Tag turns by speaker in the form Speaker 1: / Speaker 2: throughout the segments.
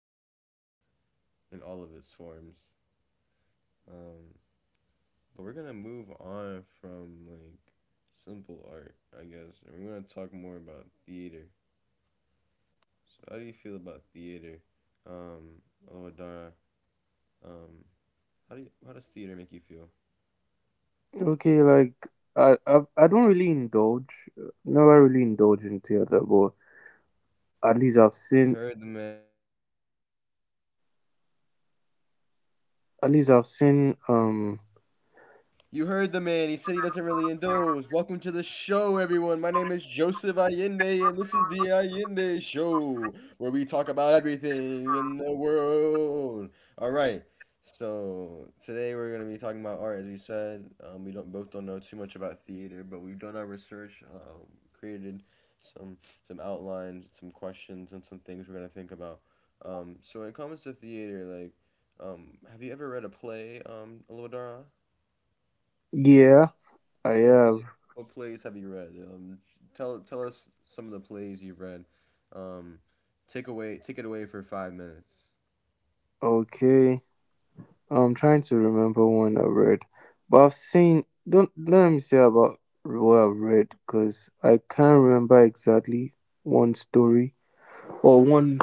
Speaker 1: about art in all of its forms, um, but we're gonna move on from like simple art, I guess, and we're gonna talk more about theater. So how do you feel about theater, um, Alodara? Um, how do how does theater make you feel?
Speaker 2: Okay, like I don't really indulge, never really indulge in theater, but at least I've
Speaker 1: You
Speaker 2: seen
Speaker 1: heard the man.
Speaker 2: at least I've seen um
Speaker 1: You heard the man. He said he doesn't really indulge. Welcome to the show, everyone. My name is Joseph Allende, and this is the Allende Show, where we talk about everything in the world. All right. So today we're gonna be talking about art, as we said. We don't both don't know too much about theater, but we've done our research, created some some outlines, some questions, and some things we're gonna think about. So when it comes to theater, have you ever read a play, Alodara?
Speaker 2: yeah, I
Speaker 1: What
Speaker 2: have.
Speaker 1: play, what plays have you read? Tell us some of the plays you've read. Um, take it away for 5 minutes.
Speaker 2: Okay. I'm trying to remember one I read, but I've seen don't let me say about what I've read because I can't remember exactly one story or one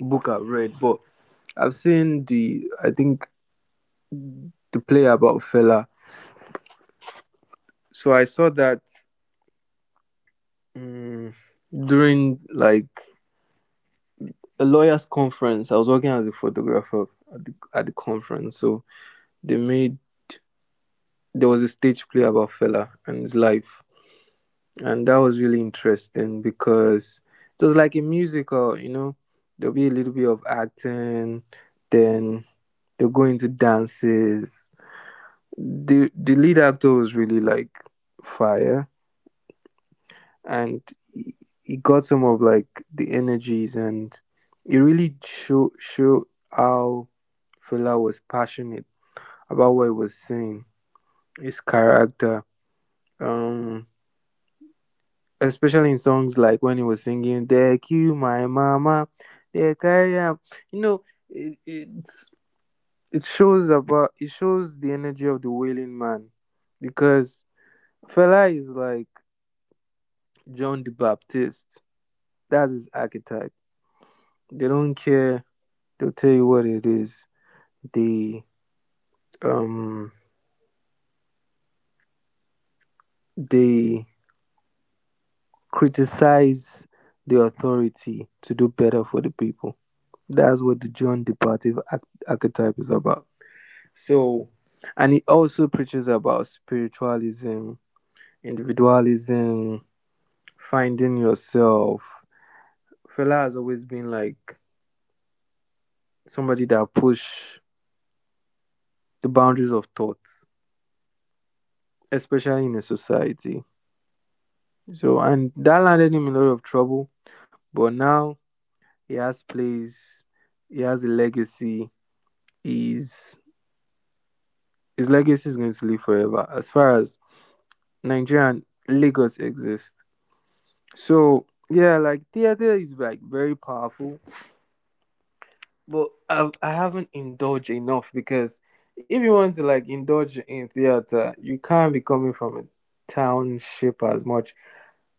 Speaker 2: book I read, but I've seen the I think the play about Fella. So I saw that Mm, during like a lawyers conference. I was working as a photographer at the conference. So they made there was a stage play about Fela and his life, and that was really interesting because it was like a musical. You know, there'll be a little bit of acting, then they'll go into dances. The lead actor was really like fire, and he, he got some of like the energies, and it really show how Fela was passionate about what he was saying, his character, um, especially in songs like when he was singing "They kill my mama, they carry am," you know, it, it's it shows about it shows the energy of the wailing man because Fela is like John the Baptist. That's his archetype. They don't care. They'll tell you what it is. They um they criticize the authority to do better for the people. That's what the John Departive archetype is about. So, and he also preaches about spiritualism, individualism, finding yourself. Fela has always been like somebody that push the boundaries of thought, especially in a society. So, and that landed him in a lot of trouble. But now he has plays. He has a legacy. His his legacy is going to live forever. As far as Nigerian Lagos exists, so yeah, like theater is like very powerful, but I haven't indulged enough because if you want to like indulge in theater, you can't be coming from a township as much.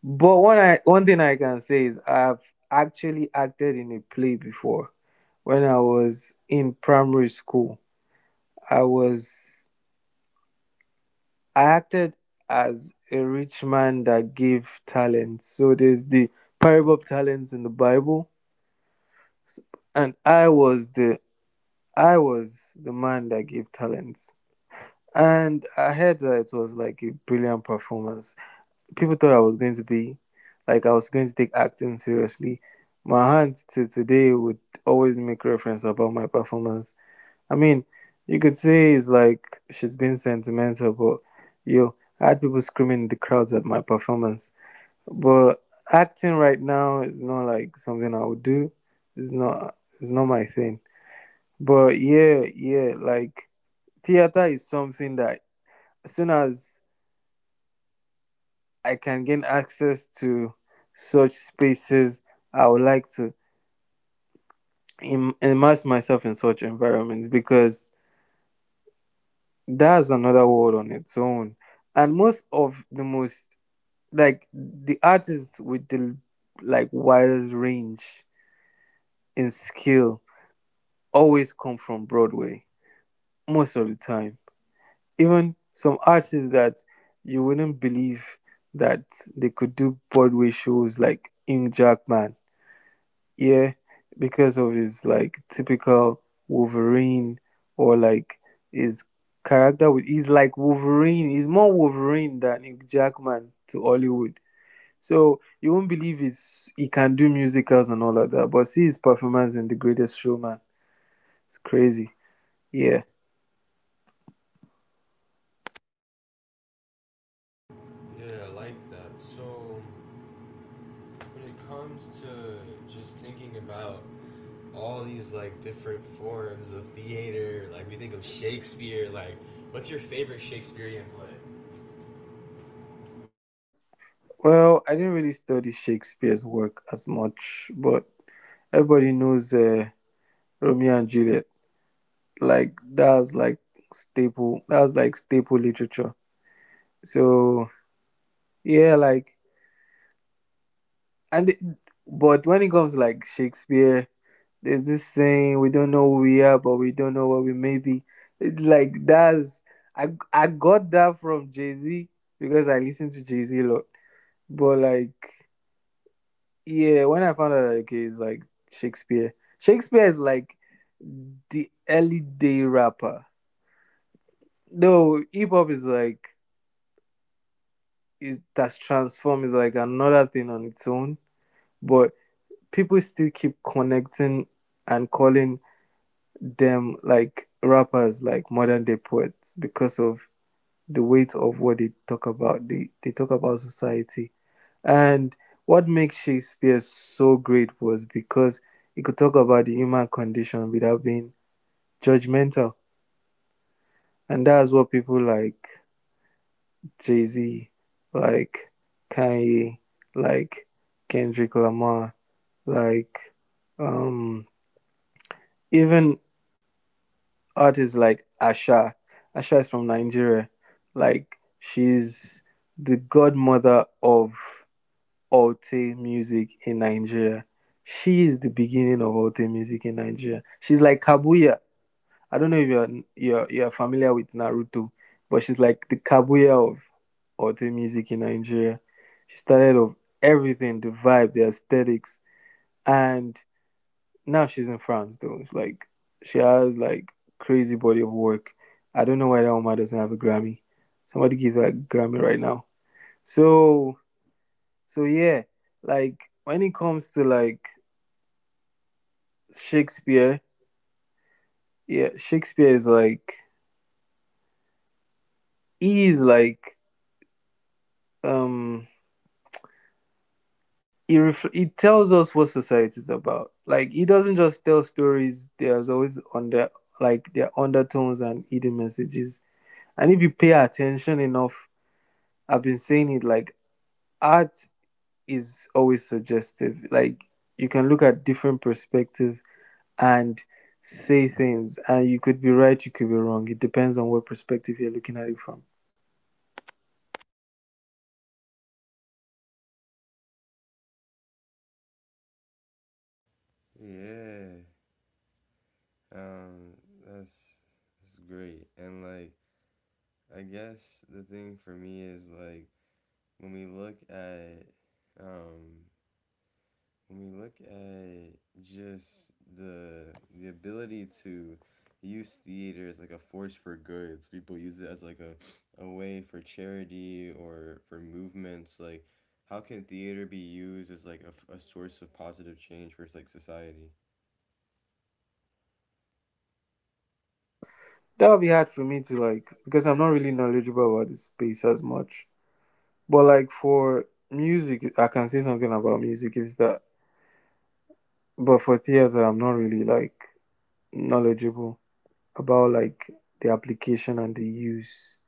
Speaker 2: But one thing I can say is I've actually acted in a play before when I was in primary school. I was I acted as a rich man that gave talents. So there's the parable of talents in the Bible, and I was the man that gave talents. And I heard that it was like a brilliant performance. People thought I was going to be like I was going to take acting seriously. My aunt to today would always make reference about my performance. I mean, you could say it's like she's being sentimental, but yo, I had people screaming in the crowds at my performance. But acting right now is not like something I would do. It's not. It's not my thing. But yeah, yeah, like theater is something that as soon as I can gain access to such spaces, I would like to immerse myself in such environments because that's another world on its own. And most of the most like the artists with the like widest range in skill always come from Broadway most of the time. Even some artists that you wouldn't believe that they could do Broadway shows like Ing Jackman. Yeah, because of his like typical Wolverine or like his character with he's like Wolverine. He's more Wolverine than Hugh Jackman to Hollywood. So you won't believe he can do musicals and all of that. But see his performance in The Greatest Showman. It's crazy. Yeah.
Speaker 1: Yeah, I like that. So when it comes to just thinking about all these like different forms of theater, like we think of Shakespeare, like what's your favorite Shakespearean play?
Speaker 2: Well, I didn't really study Shakespeare's work as much, but everybody knows Romeo and Juliet. Like that's like staple. That's like staple literature. So yeah, like and it- but when it comes like Shakespeare, there's this saying we don't know who we are, but we don't know what we may be. It, like that's I got that from Jay Z because I listen to Jay Z a lot. But like yeah, when I found out like, okay, it's like Shakespeare. Shakespeare is like the early day rapper. No, hip hop is like it that's transformed is like another thing on its own. But people still keep connecting and calling them like rappers, like modern day poets, because of the weight of what they talk about. They talk about society. And what makes Shakespeare so great was because he could talk about the human condition without being judgmental. And that's what people like Jay Z, like Kanye, like Kendrick Lamar, like um, even artists like Asha. Asha is from Nigeria. Like she's the godmother of Olte music in Nigeria. She is the beginning of Olte music in Nigeria. She's like Kabuya. I don't know if you're familiar with Naruto, but she's like the Kabuya of Olte music in Nigeria. She started off everything, the vibe, the aesthetics, and now she's in France though. Like she has like crazy body of work. I don't know why that woman doesn't have a Grammy. Somebody give her a Grammy right now. So so yeah, like when it comes to like Shakespeare, yeah, Shakespeare is like he is like um he tells us what society is about. Like he doesn't just tell stories. There's always under like there are undertones and hidden messages. And if you pay attention enough, I've been saying it like art is always suggestive. Like you can look at different perspective and say things, and you could be right, you could be wrong. It depends on what perspective you're looking at it from.
Speaker 1: Yeah, um, that's that's great. And like, I guess the thing for me is like, when we look at um, when we look at just the the ability to use theater as like a force for good. So people use it as like a way for charity or for movements. Like, how can theater be used as like a source of positive change for like society?
Speaker 2: That would be hard for me to like because I'm not really knowledgeable about the space as much. But like for music, I can say something about music is that. But for theater, I'm not really like knowledgeable about like the application and the use.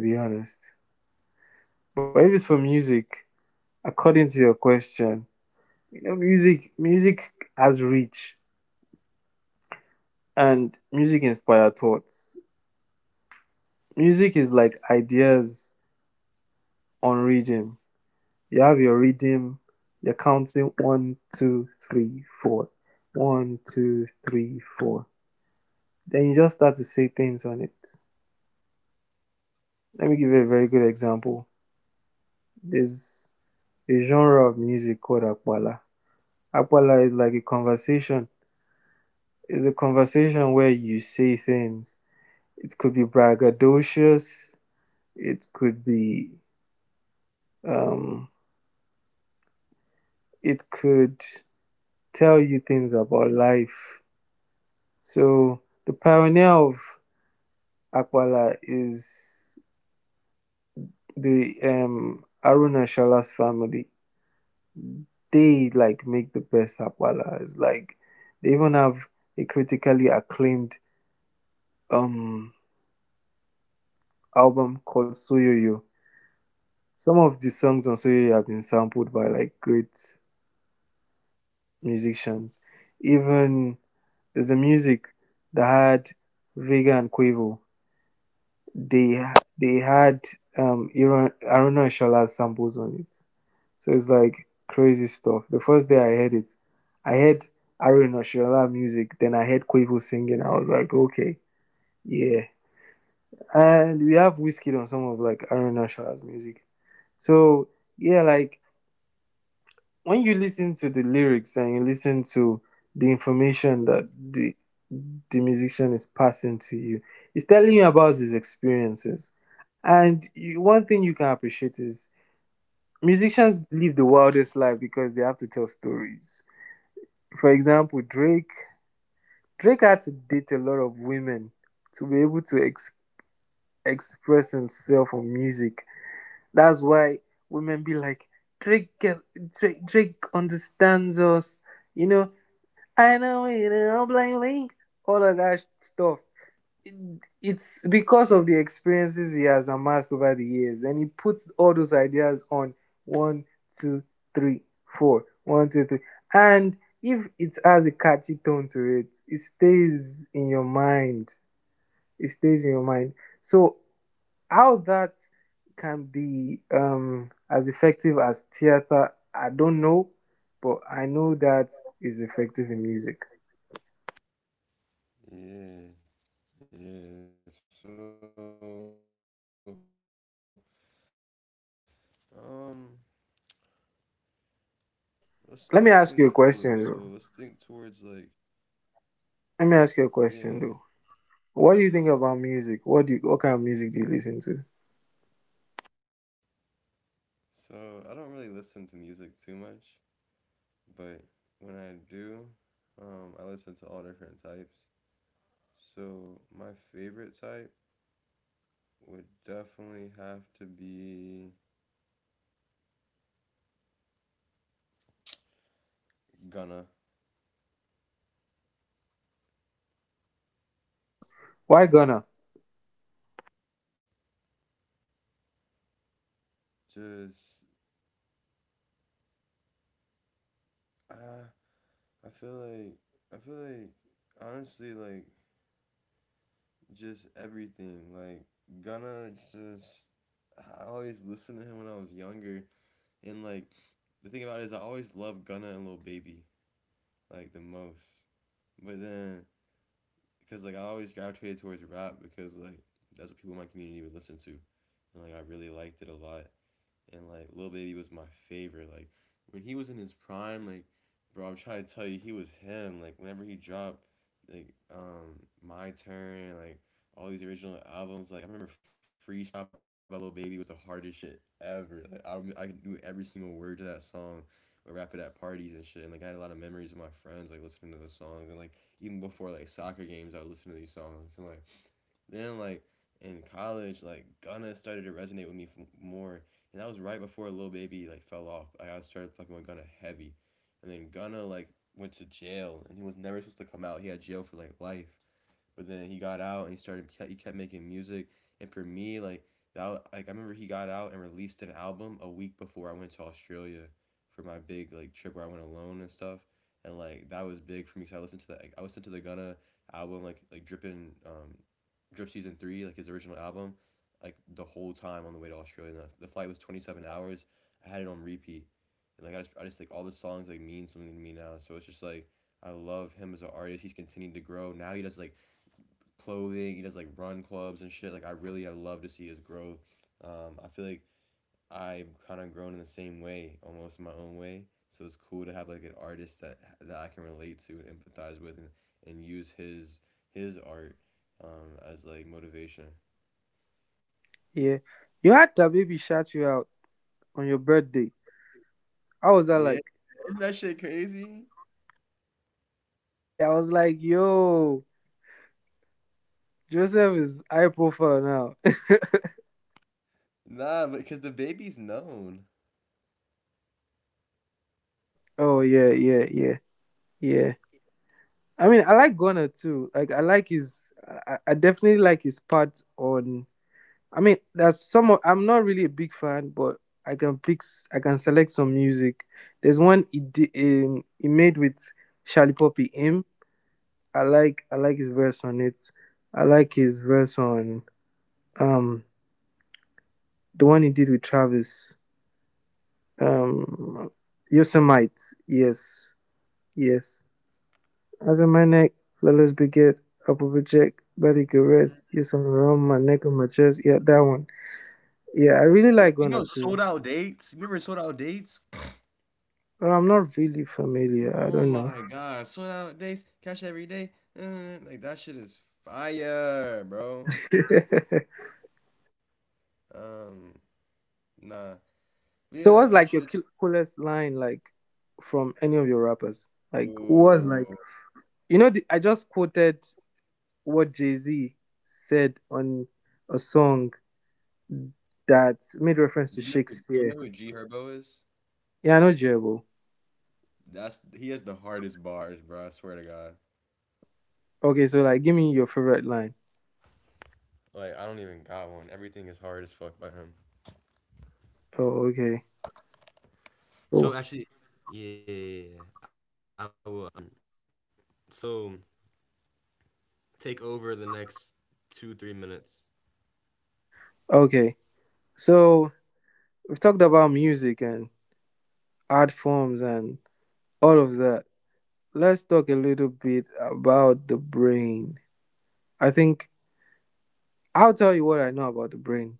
Speaker 2: To be honest, but if it's for music, according to your question, you know, music has reach, and music inspire thoughts. Music is like ideas on rhythm. You have your rhythm, you're counting one, two, three, four. One, two, three, four. Then you just start to say things on it. Let me give you a very good example. There's a genre of music called akpala. Akpala is like a conversation. It's a conversation where you say things. It could be braggadocious. It could be, um, it could tell you things about life. So the pioneer of Akwala is the Aruna Shala's family. They like make the best Akwala. It's like they even have a critically acclaimed um album called Soyoyo. Some of the songs on Soyoyo have been sampled by like great musicians. Even is the music that had Vega and Quavo. They they had Aaron Aruna Shola samples on it. So it's like crazy stuff. The first day I heard it, I heard Aaron Shola music, then I heard Quavo singing. I was like, okay, yeah. And we have whiskey on some of like Aaron Shola's music. So yeah, like when you listen to the lyrics and you listen to the information that the musician is passing to you, he's telling you about his experiences. And you, one thing you can appreciate is musicians live the wildest life because they have to tell stories. For example, Drake had to date a lot of women to be able to express himself on music. That's why women be like Drake, Drake, Drake understands us. You know, I know it. I'm blaming all of that stuff. It's because of the experiences he has amassed over the years, and he puts all those ideas on one, two, three, four, one, two, three. And if it has a catchy tone to it, it stays in your mind. It stays in your mind. So how that can be as effective as theater, I don't know, but I know that is effective in music.
Speaker 1: Yeah, yeah. So um, let's let's think forward. So let's think towards like.
Speaker 2: Let me ask you a question, though.
Speaker 1: Yeah, yeah.
Speaker 2: Let me ask you a question, though. What do you think about music? What kind of music do you listen to?
Speaker 1: So I don't really listen to music too much, but when I do, I listen to all different types. So my favorite type would definitely have to be Gunna.
Speaker 2: Why Ghana?
Speaker 1: Just ah, I feel like honestly like just everything like Gunna just I always listened to him when I was younger and like the thing about it is I always loved Gunna and Lil Baby, like the most. But then, because like I always gravitated towards rap because like that's what people in my community would listen to, and like I really liked it a lot and like Lil Baby was my favorite. Like when he was in his prime, like bro, I'm trying to tell you, he was him. Like whenever he dropped, like my turn, like all these original albums. Like I remember Freestyle by Lil Baby was the hardest shit ever. Like I could do every single word to that song. We rap it at parties and shit. And like I had a lot of memories of my friends like listening to the songs and like even before like soccer games, I would listen to these songs and like then like in college like Gunna started to resonate with me more and that was right before Lil Baby like fell off. Like, I started fucking with Gunna heavy, and then Gunna like went to jail, and he was never supposed to come out. He had jail for like life, but then he got out and he kept making music. And for me, like that, like I remember he got out and released an album a week before I went to Australia for my big like trip where I went alone and stuff. And like that was big for me because I listened to that. Like, I listened to the Gunna album like drip season three like his original album, like the whole time on the way to Australia. And the flight was 27 hours. I had it on repeat, and like I just like all the songs like mean something to me now. So it's just like I love him as an artist. He's continued to grow. Now he does like clothing. He does like run clubs and shit. Like I love to see his growth. I feel like I've kind of grown in the same way, almost in my own way. So it's cool to have like an artist that I can relate to and empathize with, and use his art, as like motivation.
Speaker 2: Yeah, you had that baby shout you out on your birthday. How was that
Speaker 1: Yeah,
Speaker 2: like?
Speaker 1: isn't that shit crazy?
Speaker 2: Hey, I was like, yo, Joseph is high profile now.
Speaker 1: Nah, because the baby's known.
Speaker 2: Oh yeah, yeah, yeah, yeah. I mean, I like Ghana too. Like, I like his. I definitely like his part on. I mean, there's some. Of, I'm not really a big fan, but I can pick. I can select some music. There's one he made with Charlie Poppy. Him, I like. I like his verse on it. I like his verse on um the one he did with Travis. Um, Yosemite. Yes, yes. As in my neck, flawless beget, upper project, body could rest. You some
Speaker 1: Do
Speaker 2: around my neck and my chest. Yeah, that one. Yeah, I really like
Speaker 1: You
Speaker 2: Gunna
Speaker 1: know,
Speaker 2: too.
Speaker 1: sold out dates. Remember sold out dates?
Speaker 2: I'm not really familiar. I
Speaker 1: Oh
Speaker 2: don't know.
Speaker 1: my god, sold out days, cash every day. Like that shit is fire, bro. Um, nah. But
Speaker 2: So
Speaker 1: yeah, I
Speaker 2: what's
Speaker 1: want
Speaker 2: like
Speaker 1: you to.
Speaker 2: your coolest line like from any of your rappers? Like what's like
Speaker 1: Ooh.
Speaker 2: I just quoted what Jay Z said on a song that made reference to
Speaker 1: Do you
Speaker 2: Shakespeare.
Speaker 1: know who G Herbo is?
Speaker 2: Yeah, I know Jebo.
Speaker 1: That's he has the hardest bars, bro. I swear to God.
Speaker 2: Okay, so like give me your favorite line.
Speaker 1: Like I don't even got one. Everything is hard as fuck by him.
Speaker 2: Oh, okay. Cool.
Speaker 1: So actually, yeah, yeah, yeah, I will. So take over the next two, 3 minutes.
Speaker 2: Okay. So we've talked about music and art forms and all of that. Let's talk a little bit about the brain. I think I'll tell you what I know about the brain.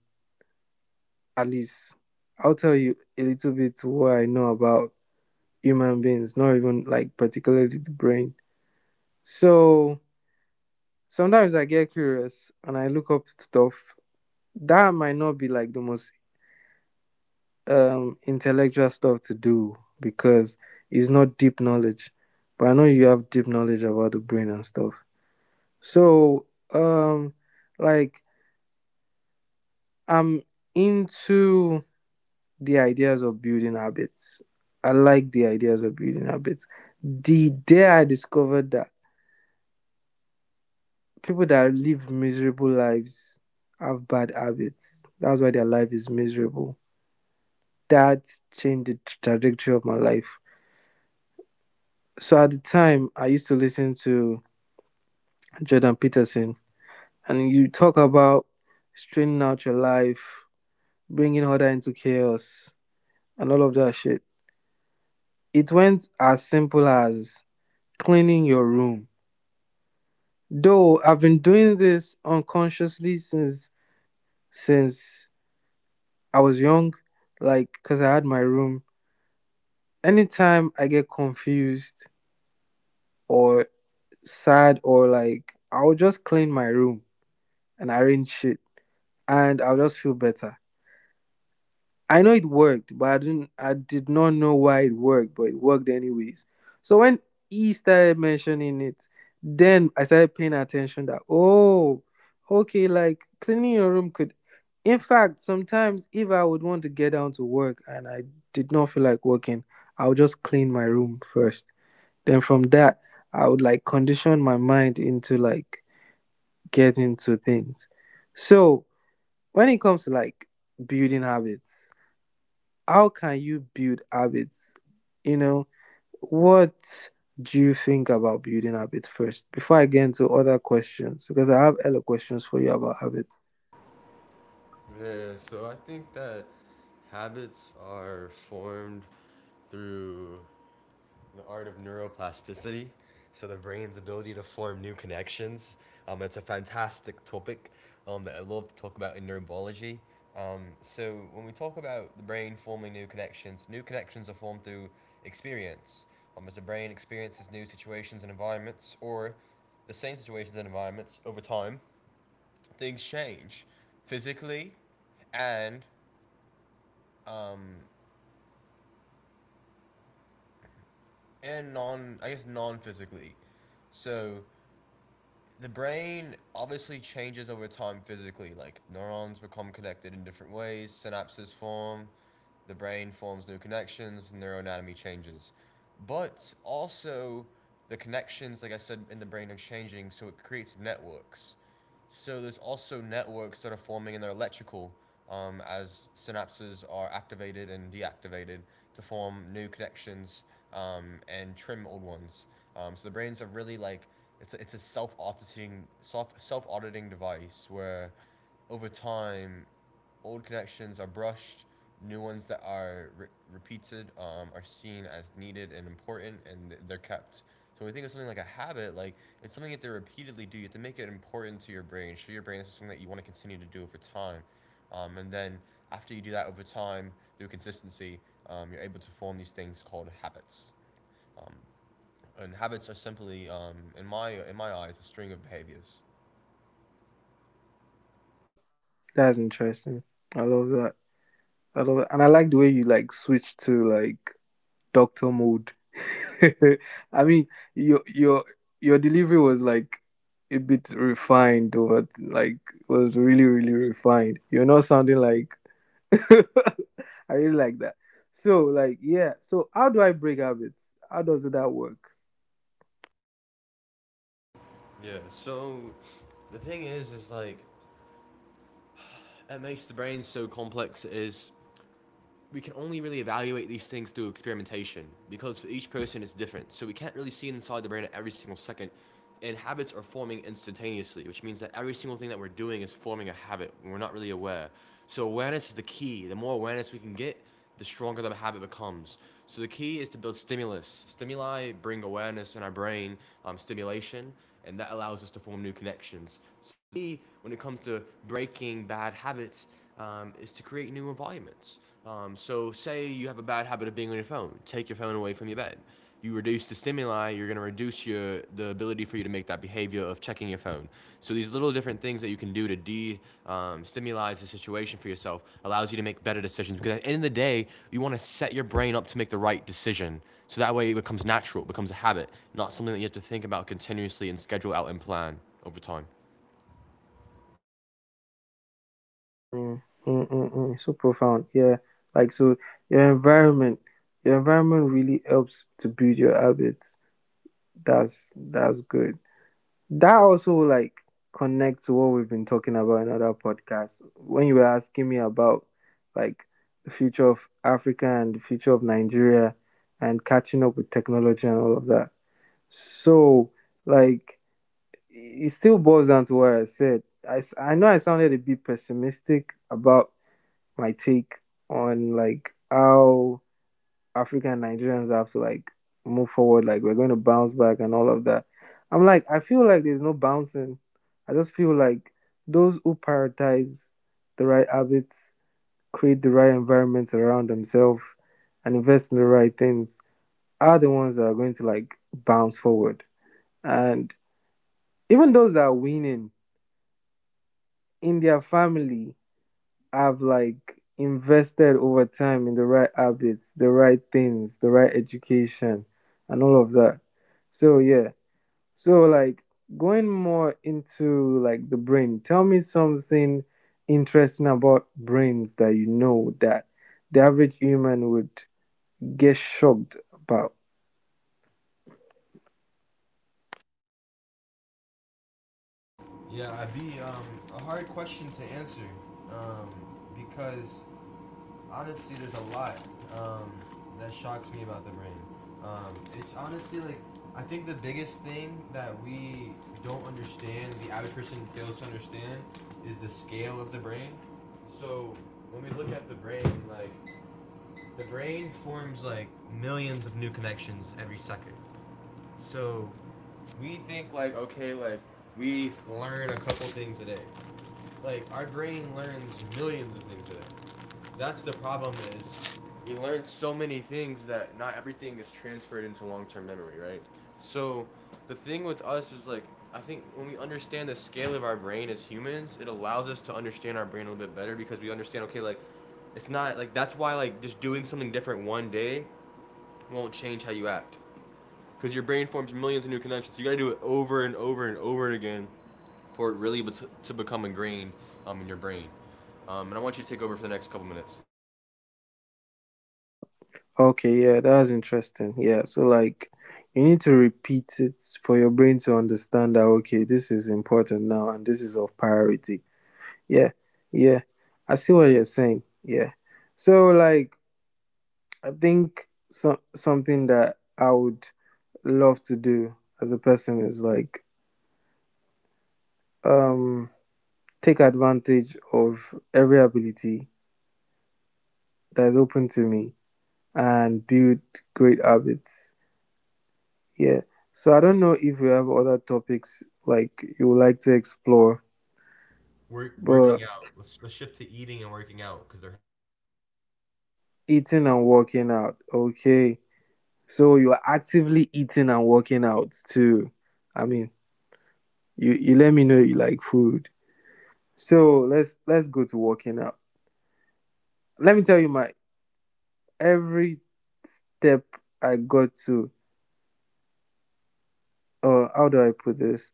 Speaker 2: At least I'll tell you a little bit to what I know about human beings, not even like particularly the brain. So sometimes I get curious and I look up stuff that might not be like the most intellectual stuff to do because it's not deep knowledge. But I know you have deep knowledge about the brain and stuff. So um like I'm into the ideas of building habits. I like the ideas of building habits. The day I discovered that people that live miserable lives have bad habits, that's why their life is miserable. That changed the trajectory of my life. So at the time, I used to listen to Jordan Peterson, and you talk about straightening out your life, bringing order into chaos, and all of that shit. It went as simple as cleaning your room. Though I've been doing this unconsciously since I was young, like cuz I had my room. Anytime I get confused or sad or like I'll just clean my room and arrange shit and I'll just feel better. I know it worked, but I did not know why it worked, but it worked anyways. So when he started mentioning it, then I started paying attention that oh, okay, like cleaning your room could in fact sometimes if I would want to get down to work and I did not feel like working, I would just clean my room first. Then from that I would like condition my mind into like getting to things. So when it comes to like building habits, how can you build habits? You know, what do you think about building habits first before I get into other questions? Because I have other questions for you about habits.
Speaker 1: Yeah, so I think that habits are formed through the art of neuroplasticity, so the brain's ability to form new connections. It's a fantastic topic, that I love to talk about in neurobiology. So when we talk about the brain forming new connections are formed through experience. As the brain experiences new situations and environments, or the same situations and environments over time, things change physically and um, and non, I guess, non physically. So the brain obviously changes over time physically. Like neurons become connected in different ways, synapses form, the brain forms new connections, neuroanatomy changes. But also, the connections, like I said, in the brain are changing, so it creates networks. So there's also networks that are forming in their electrical, as synapses are activated and deactivated to form new connections, and trim old ones. So the brains are really like it's a self auditing device where over time old connections are brushed, new ones that are repeated , are seen as needed and important, and they're kept. So when we think of something like a habit, like it's something that they repeatedly do. You have to make it important to your brain. Show your brain this is something that you want to continue to do over time. And then after you do that over time through consistency, you're able to form these things called habits. Um, and habits are simply, in my eyes, a string of behaviors.
Speaker 2: That's interesting. I love that. I love that. And I like the way you like switch to like doctor mode. I mean, your your your delivery was like a bit refined, but like was really really refined. You're not sounding like I really like that. So, like, yeah. So, how do I break habits? How does that work?
Speaker 1: Yeah. So the thing is like it makes the brain so complex is we can only really evaluate these things through experimentation because for each person it's different. So we can't really see inside the brain at every single second. And habits are forming instantaneously, which means that every single thing that we're doing is forming a habit, and we're not really aware. So awareness is the key. The more awareness we can get, the stronger the habit becomes. So the key is to build stimulus. Stimuli bring awareness in our brain, stimulation, and that allows us to form new connections. So when it comes to breaking bad habits, is to create new environments. So, say you have a bad habit of being on your phone, take your phone away from your bed. You reduce the stimuli, you're going to reduce your the ability for you to make that behavior of checking your phone. So these little different things that you can do to de stimulize the situation for yourself allows you to make better decisions. Because at the end of the day, you want to set your brain up to make the right decision. So that way it becomes natural, it becomes a habit, not something that you have to think about continuously and schedule out and plan over time.
Speaker 2: Mm, mm, mm, mm. So profound. Yeah. Like, so your environment, your environment really helps to build your habits. That's good. That also like connects to what we've been talking about in other podcasts. When you were asking me about like the future of Africa and the future of Nigeria and catching up with technology and all of that. So, like, it still boils down to what I said. I know I sounded a bit pessimistic about my take on like how African Nigerians have to like move forward, like we're going to bounce back and all of that. I'm like, I feel like there's no bouncing. I just feel like those who prioritize the right habits, create the right environments around themselves, and invest in the right things are the ones that are going to like bounce forward. And even those that are winning in their family have like invested over time in the right habits, the right things, the right education, and all of that. So yeah. So like going more into like the brain. Tell me something interesting about brains that you know that the average human would get shocked about.
Speaker 1: Yeah, I'd be, a hard question to answer um, because honestly, there's a lot um, that shocks me about the brain. It's honestly like I think the biggest thing that we don't understand, the average person fails to understand, is the scale of the brain. So when we look at the brain, like the brain forms like millions of new connections every second. So we think like okay, like we learn a couple things a day. Like our brain learns millions of things a day. That's the problem is we learn so many things that not everything is transferred into long-term memory, right? So the thing with us is like I think when we understand the scale of our brain as humans, it allows us to understand our brain a little bit better because we understand okay like it's not like that's why like just doing something different one day won't change how you act because your brain forms millions of new connections. So you got to do it over and over and over again for it really to become ingrained, in your brain. And I want you to take over for the next couple minutes.
Speaker 2: Okay, yeah, that's interesting. Yeah, so like you need to repeat it for your brain to understand that okay, this is important now and this is of priority. Yeah, yeah, I see what you're saying. Yeah, so like I think something that I would love to do as a person is like um take advantage of every ability that is open to me and build great habits. Yeah. So I don't know if you have other topics like you would like to explore,
Speaker 1: We're
Speaker 2: but
Speaker 1: working out. Let's shift to eating and working out because they're.
Speaker 2: eating and working out. Okay. So you are actively eating and working out too. I mean, you let me know you like food. So let's go to working out. Let me tell you my every step I got to or how do I put this?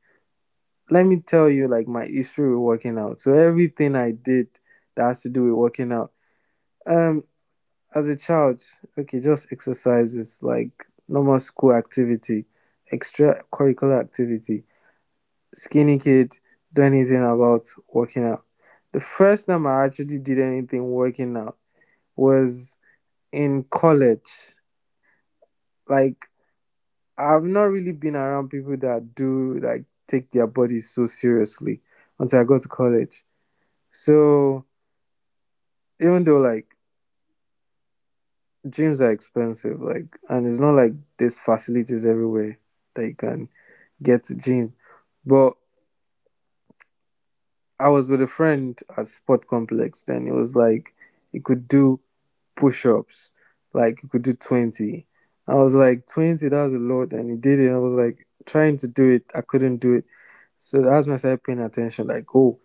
Speaker 2: Let me tell you like my history with working out. So everything I did that has to do with working out. Um as a child, okay, just exercises like normal school activity, extracurricular activity. Skinny kid, do anything about working out. The first time I actually did anything working out was in college. Like I've not really been around people that do like take their bodies so seriously until I got to college. So even though like gyms are expensive, like and it's not like there's facilities everywhere that you can get to gym. But I was with a friend at Sport Complex, then it was like you could do push ups, like you could do 20. I was like, 20, that's a lot. And he did it. I was like, trying to do it, I couldn't do it. So that's when I started paying attention, like, oh.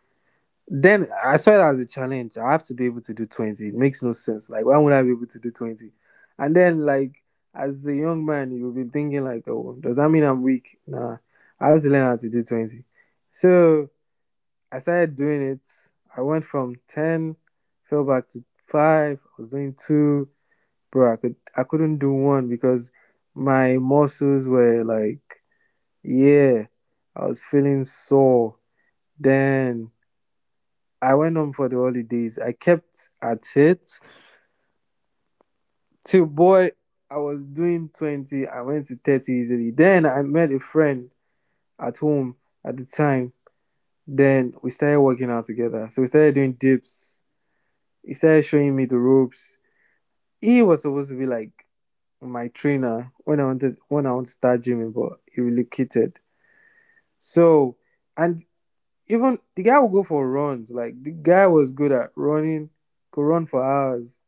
Speaker 2: Then I saw it as a challenge. I have to be able to do 20. It makes no sense. Like, why would I be able to do 20? And then, like, as a young man, you'll be thinking, like, oh, does that mean I'm weak? Nah, I have to learn how to do 20. So I started doing it. I went from 10, fell back to 5. I was doing 2, bro. I couldn't do one because my muscles were like, yeah. I was feeling sore. Then I went home for the holidays. I kept at it till boy, I was doing 20. I went to 30 easily. Then I met a friend at home at the time. Then we started working out together. So we started doing dips, he started showing me the ropes. He was supposed to be like my trainer when I wanted to start gymming, but he relocated. So and even the guy would go for runs. Like the guy was good at running, could run for hours,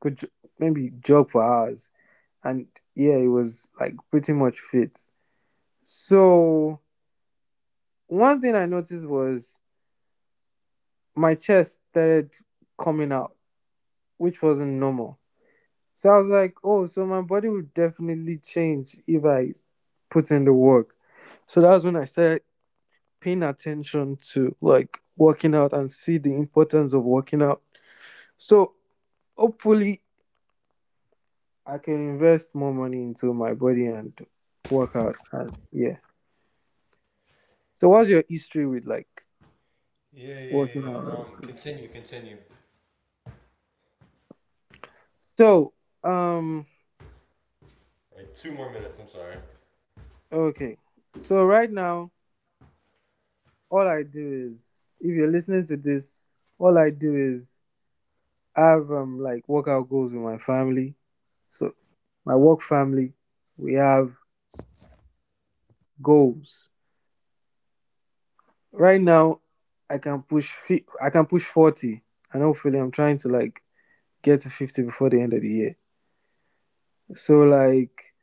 Speaker 2: could maybe jog for hours, and yeah, he was like pretty much fit. So one thing I noticed was my chest started coming out, which wasn't normal. So I was like, oh, so my body would definitely change if I put in the work. So that was when I started paying attention to like working out and see the importance of working out. So hopefully I can invest more money into my body and work out and yeah. So what's your history with like
Speaker 1: Yeah, yeah,
Speaker 2: working
Speaker 1: yeah.
Speaker 2: out and stuff?
Speaker 1: Continue.
Speaker 2: So um
Speaker 1: All right, 2 more minutes. I'm sorry.
Speaker 2: okay. So right now all I do is if you're listening to this, all I do is I have like workout goals with my family. So my work family, we have goals. Right now, I can push I can push 40, and hopefully, I'm trying to like get to 50 before the end of the year. So like,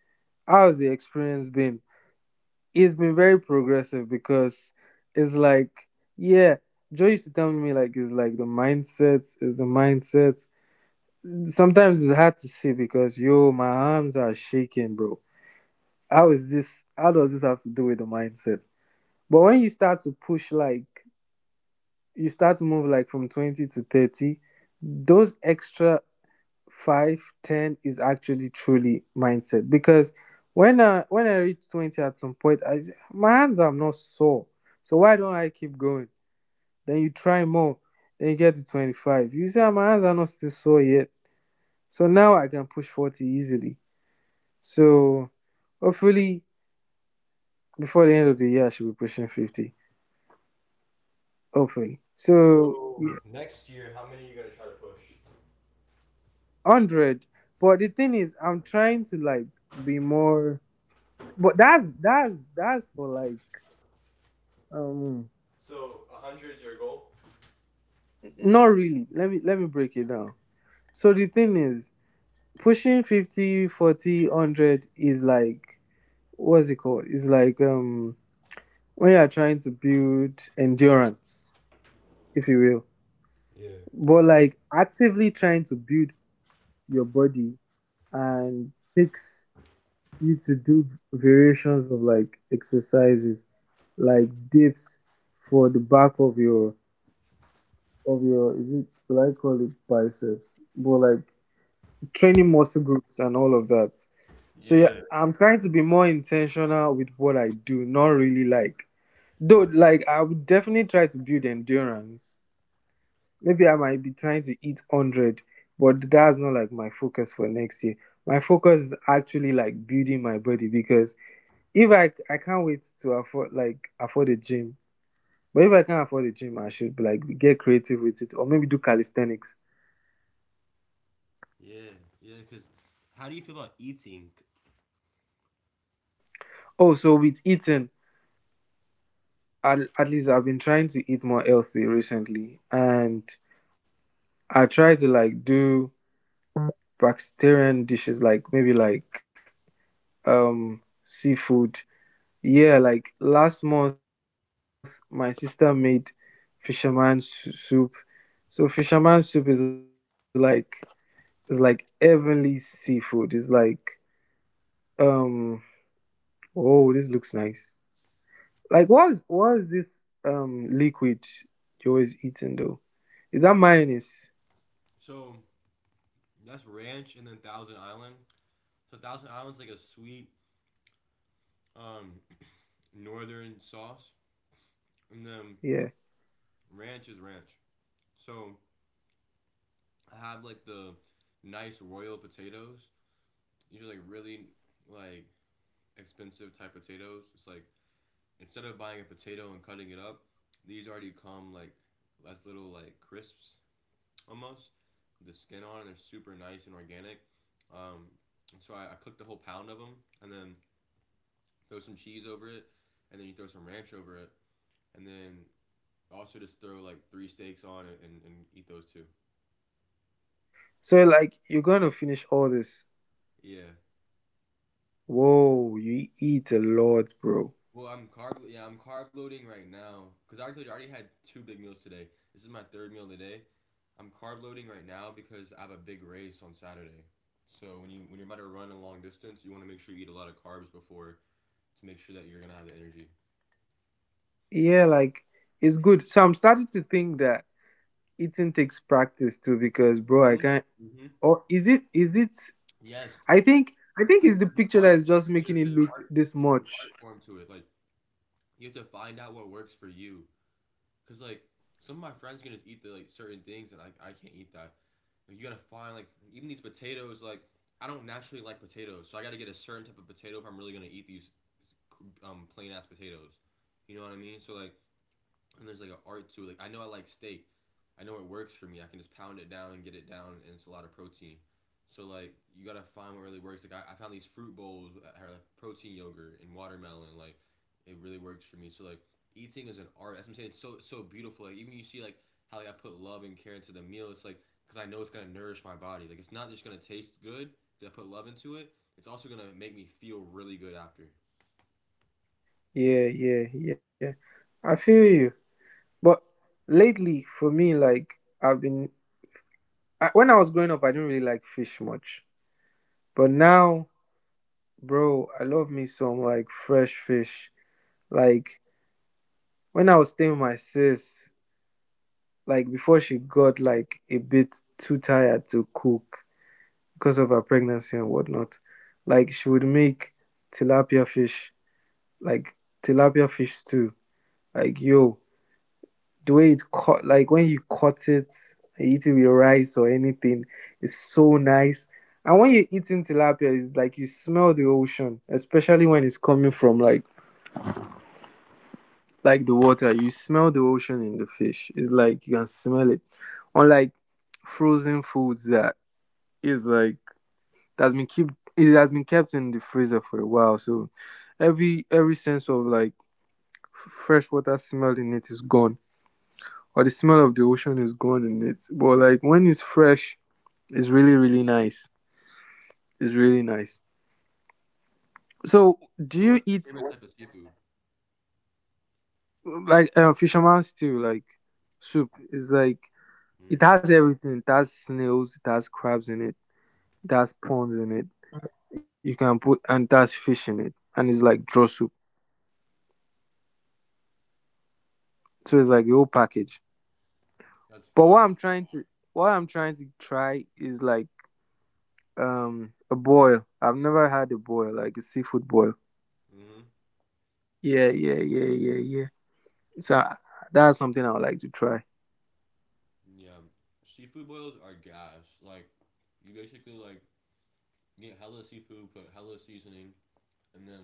Speaker 2: how's the experience been? It's been very progressive because it's like yeah. Joe used to tell me like it's like the mindset is the mindset. Sometimes it's hard to see because yo, my arms are shaking, bro, how is this, how does this have to do with the mindset, but when you start to push like you start to move like from 20 to 30, those extra 5 10 is actually truly mindset because when i reach 20 at some point i, my hands are not sore, so why don't I keep going, then you try more, then you get to 25, you say "Ah, my hands are not still sore yet, so now I can push 40 easily, so hopefully before the end of the year I should be pushing 50, hopefully. So
Speaker 1: So next year, how many are you gonna try to push?
Speaker 2: 100. But the thing is, I'm trying to like be more. But that's for like um.
Speaker 1: So 100 is your goal.
Speaker 2: Not really. Let me break it down. So the thing is, pushing 50, 40, hundred is like what's it called? It's like when you are trying to build endurance, if you will.
Speaker 1: Yeah.
Speaker 2: But like actively trying to build your body and takes you to do variations of like exercises like dips for the back of your is it, will I call it biceps? But like training muscle groups and all of that. So yeah,
Speaker 1: Yeah.
Speaker 2: I'm trying to be more intentional with what I do, not really like though like I would definitely try to build endurance. Maybe I might be trying to eat 100, but that's not like my focus for next year. My focus is actually like building my body because if I can't wait to afford a gym, but if I can't afford a gym, I should like get creative with it or maybe do calisthenics.
Speaker 1: Yeah. Yeah. Cause how do you feel about eating?
Speaker 2: Oh, so with eating, at least I've been trying to eat more healthy recently, and I try to like do vegetarian dishes, like maybe like seafood. Yeah, like last month my sister made fisherman soup. So fisherman soup is like heavenly seafood. It's like Um. Oh, this looks nice. Like, what's this liquid you're always eating though? Is that mayonnaise?
Speaker 1: So that's ranch and then Thousand Island. So Thousand Island's like a sweet um northern sauce, and then
Speaker 2: Yeah.
Speaker 1: Ranch is ranch. So I have like the nice royal potatoes. These are like really like expensive type potatoes. It's like instead of buying a potato and cutting it up, these already come like as little like crisps almost. The skin on and they're super nice and organic. Um, and so I cooked a whole pound of them and then throw some cheese over it and then you throw some ranch over it and then also just throw like three steaks on it and eat those too.
Speaker 2: So like, you're gonna finish all this.
Speaker 1: Yeah,
Speaker 2: Whoa, you eat a lot, bro.
Speaker 1: Well, I'm carb. Yeah, I'm carb loading right now because I told you I already had two big meals today. This is my third meal today. I'm carb loading right now because I have a big race on Saturday. So when you're about to run a long distance, you want to make sure you eat a lot of carbs before to make sure that you're gonna have the energy.
Speaker 2: Yeah, like it's good. So I'm starting to think that eating takes practice too, because bro, I
Speaker 1: Hmm.
Speaker 2: can't.
Speaker 1: Hmm.
Speaker 2: Or is it? Is it?
Speaker 1: Yes,
Speaker 2: I think. I think
Speaker 1: because
Speaker 2: it's the
Speaker 1: there's an
Speaker 2: picture that
Speaker 1: art.
Speaker 2: is just
Speaker 1: There's, a,
Speaker 2: making it
Speaker 1: there's an
Speaker 2: look
Speaker 1: art.
Speaker 2: this
Speaker 1: There's an art
Speaker 2: much.
Speaker 1: form to it. Like you have to find out what works for you. Cause like some of my friends can just eat the like certain things, and I can't eat that. Like, you gotta find like even these potatoes. Like I don't naturally like potatoes, so I gotta get a certain type of potato if I'm really gonna eat these plain ass potatoes. You know what I mean? So like and there's like an art to it. Like I know I like steak, I know it works for me. I can just pound it down and get it down, and it's a lot of protein. So like you gotta find what really works. Like I found these fruit bowls that have like protein yogurt and watermelon. Like it really works for me. So like eating is an art. That's what I'm saying. It's so so beautiful. Like even you see like how like I put love and care into the meal. It's like because I know it's gonna nourish my body. Like it's not just gonna taste good because I put love into it. It's also gonna make me feel really good after.
Speaker 2: Yeah, yeah, yeah. I feel you. But lately, for me, I've been when I was growing up, I didn't really like fish much. But now, bro, I love me some like fresh fish. Like when I was staying with my sis, like before she got like a bit too tired to cook because of her pregnancy and whatnot, like she would make tilapia fish, like tilapia fish stew. Like yo, the way it's cut, like when you cut it and eat it with rice or anything, it's so nice. And when you're eating tilapia, it's like you smell the ocean, especially when it's coming from like the water. You smell the ocean in the fish. It's like you can smell it. Unlike frozen foods that is like that's been kept it has been kept in the freezer for a while. So every sense of like fresh water smell in it is gone. Or the smell of the ocean is gone in it. But like when it's fresh, it's really, really nice. It's really nice. So, do
Speaker 1: So
Speaker 2: you
Speaker 1: what's your
Speaker 2: eat
Speaker 1: favorite type of seafood?
Speaker 2: like fisherman's stew, like soup? It's like it
Speaker 1: Mm,
Speaker 2: has everything. It has snails. It has crabs in it. It has prawns in it. You can put and it has fish in it, and it's like draw soup. So it's like the whole package.
Speaker 1: that's
Speaker 2: But
Speaker 1: fire.
Speaker 2: what I'm trying to try is like a boil. I've never had a boil, like a seafood boil.
Speaker 1: Hmm.
Speaker 2: Yeah, yeah, yeah, yeah, yeah. So that's something I would like to try.
Speaker 1: Yeah, seafood boils are gas. Like, you basically like get hella seafood, put hella seasoning, and then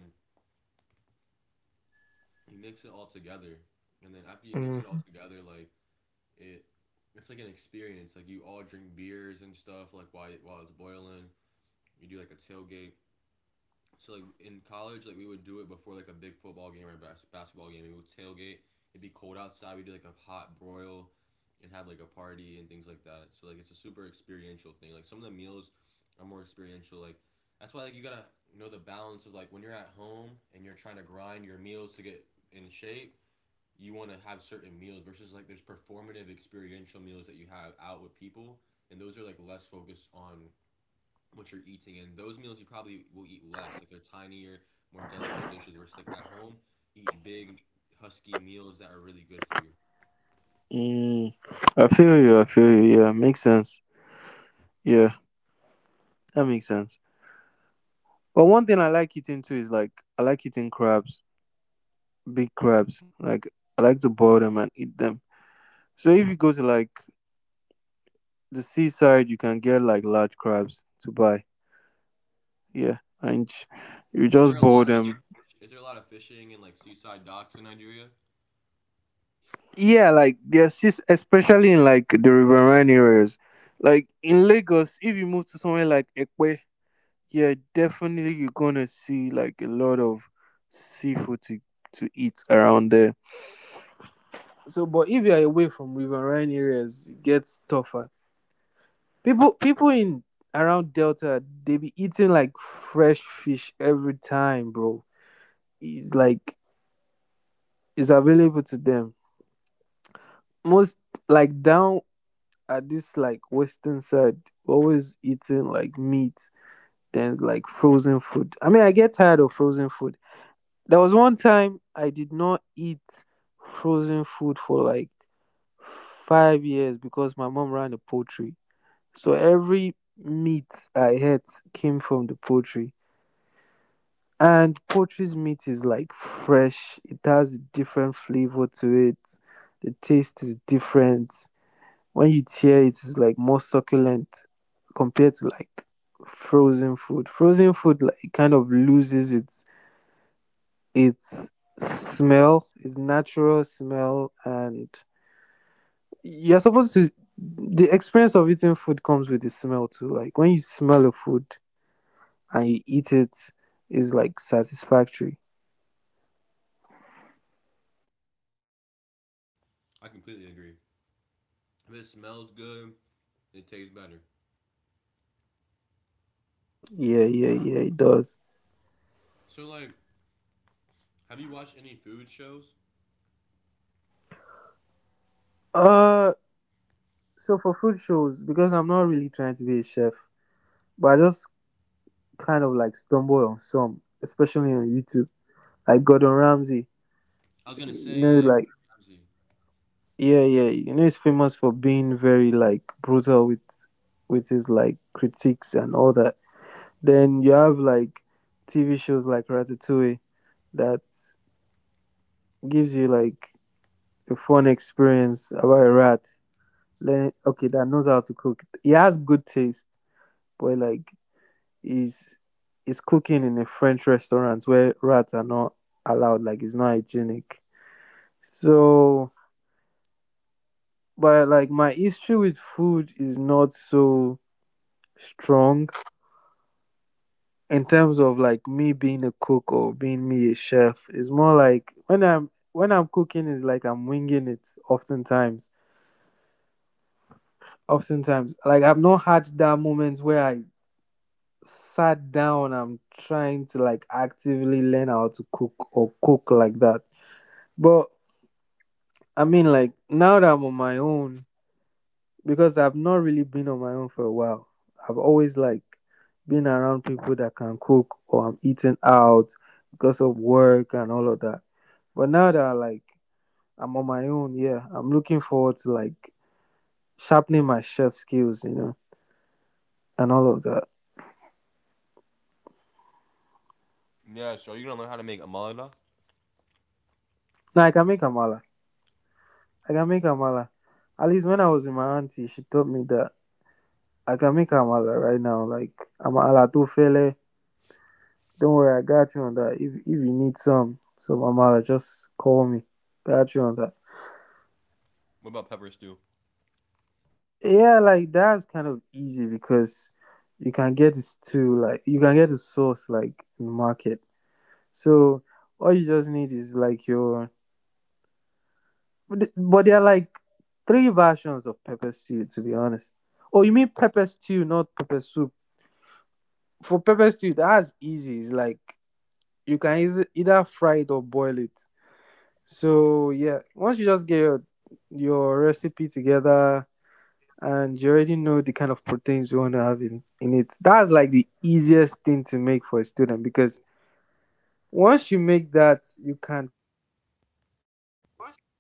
Speaker 1: you mix it all together. And then after you mix it all
Speaker 2: Mm.
Speaker 1: together, like it, it's like an experience. Like you all drink beers and stuff. Like while it's boiling, you do like a tailgate. So like in college, like we would do it before like a big football game or bas- basketball game. We would tailgate. It'd be cold outside. We'd do like a hot broil, and have like a party and things like that. So like it's a super experiential thing. Like some of the meals are more experiential. Like that's why like you gotta know the balance of like when you're at home and you're trying to grind your meals to get in shape. You want to have certain meals versus like there's performative experiential meals that you have out with people, and those are like less focused on what you're eating. And those meals you probably will eat less. Like they're tinier, more delicate dishes versus like at home, eat big, husky meals that are really good for you.
Speaker 2: Mm, I feel you. I feel you. Yeah, makes sense. Yeah, that makes sense. But one thing I like eating too is like I like eating crabs, big crabs. Like I like to boil them and eat them. So if you go to like the seaside, you can get like large crabs to buy. Yeah, and you
Speaker 1: Is there a
Speaker 2: just
Speaker 1: lot
Speaker 2: boil
Speaker 1: of like
Speaker 2: them.
Speaker 1: fish, is there a lot of fishing and like seaside docks in Nigeria?
Speaker 2: Yeah, like there's sis especially in like the riverine areas. Like in Lagos, if you move to somewhere like Ekpe, yeah, definitely you're gonna see like a lot of seafood to eat around there. So, but if you are away from riverine areas, it gets tougher. People in around Delta, they be eating like fresh fish every time, bro. It's like it's available to them. Most like down at this like western side, always eating like meat. Then it's like frozen food. I mean, I get tired of frozen food. There was one time I did not eat frozen food for like 5 years because my mom ran a poultry. So every meat I had came from the poultry. And poultry's meat is like fresh, it has a different flavor to it. The taste is different. When you tear it, it's like more succulent compared to like frozen food. Frozen food like kind of loses its smell, its natural smell, and you're supposed to. The experience of eating food comes with the smell too. Like when you smell a food and you eat it, is like satisfactory.
Speaker 1: I completely agree. If it smells good, it tastes better.
Speaker 2: Yeah, yeah, yeah, it does.
Speaker 1: So like, have you watched any food shows?
Speaker 2: Uh, so for food shows, because I'm not really trying to be a chef, but I just kind of like stumble on some, especially on YouTube, like Gordon Ramsay.
Speaker 1: I was gonna
Speaker 2: You
Speaker 1: say yeah.
Speaker 2: know, like
Speaker 1: Gordon Ramsay.
Speaker 2: yeah, yeah. You know, he's famous for being very like brutal with his like critiques and all that. Then you have like TV shows like Ratatouille that gives you like a fun experience about a rat. Learn okay, that knows how to cook. He has good taste, but like he's he's cooking in a French restaurant where rats are not allowed. Like it's not hygienic. So, but like my history with food is not so strong in terms of like me being a cook or being me a chef. It's more like when I'm cooking is like I'm winging it oftentimes. Oftentimes. Like I've not had that moment where I sat down I'm trying to like actively learn how to cook or cook like that. But I mean like now that I'm on my own because I've not really been on my own for a while. I've always like been around people that can cook or I'm eating out because of work and all of that. But now that I'm on my own, yeah, I'm looking forward to like sharpening my chef skills, you know, and all of that.
Speaker 1: Yeah, so you're gonna learn how to make amala.
Speaker 2: Now I can make amala. I can make amala. At least when I was with my auntie, she taught me that I can make amala right now. Like amala to fele, don't worry, I got you on that. If you need some amala, just call me. Got you on that.
Speaker 1: What about pepper stew?
Speaker 2: Yeah, like that's kind of easy because you can get this too. Like you can get the sauce, like in the market. So all you just need is like your. But there are like 3 versions of pepper stew to be honest. Oh, you mean pepper stew, not pepper soup? For pepper stew, that's easy. It's like you can either fry it or boil it. So yeah, once you just get your recipe together and you already know the kind of proteins you want to have in it, that's like the easiest thing to make for a student because once you make that, you can combine it with any dish.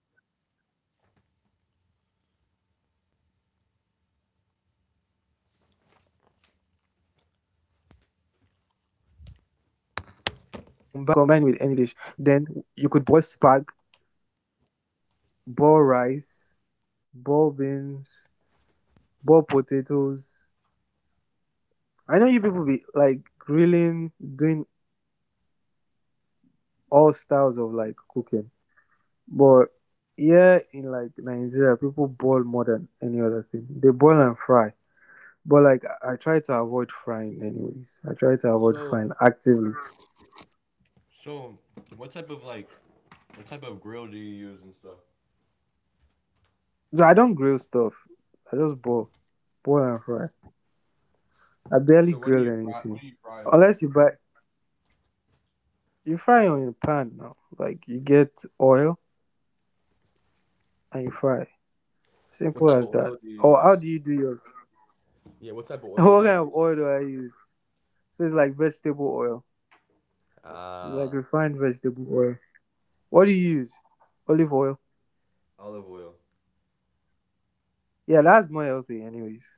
Speaker 2: If you get me, you can combine it with any dish. For example, you can have stew for like days, like 3 days or 2 days. Then you could boil spag, boil rice, boil beans, boiled potatoes. I know you people be like grilling, doing all styles of like cooking, but here in like Nigeria, people boil more than any other thing. They boil and fry, but like I try to avoid frying, anyways. I
Speaker 1: So,
Speaker 2: try to avoid frying actively.
Speaker 1: so what type of like, what type of grill do you use and stuff?
Speaker 2: So I don't grill stuff. I just boil, boil and fry. I
Speaker 1: So what do
Speaker 2: barely
Speaker 1: you
Speaker 2: grill
Speaker 1: fry? What do you
Speaker 2: anything
Speaker 1: fry on?
Speaker 2: unless you buy. You fry on your pan now. Like you get oil and you fry.
Speaker 1: What type of
Speaker 2: Simple as
Speaker 1: oil do
Speaker 2: that.
Speaker 1: you use?
Speaker 2: Or how do you do yours?
Speaker 1: Yeah, what type of oil do you
Speaker 2: What
Speaker 1: use?
Speaker 2: kind of oil do I use? So it's like vegetable oil. It's
Speaker 1: Ah,
Speaker 2: like refined vegetable oil. What do you use? Olive oil.
Speaker 1: olive oil.
Speaker 2: Yeah, that's more healthy, anyways.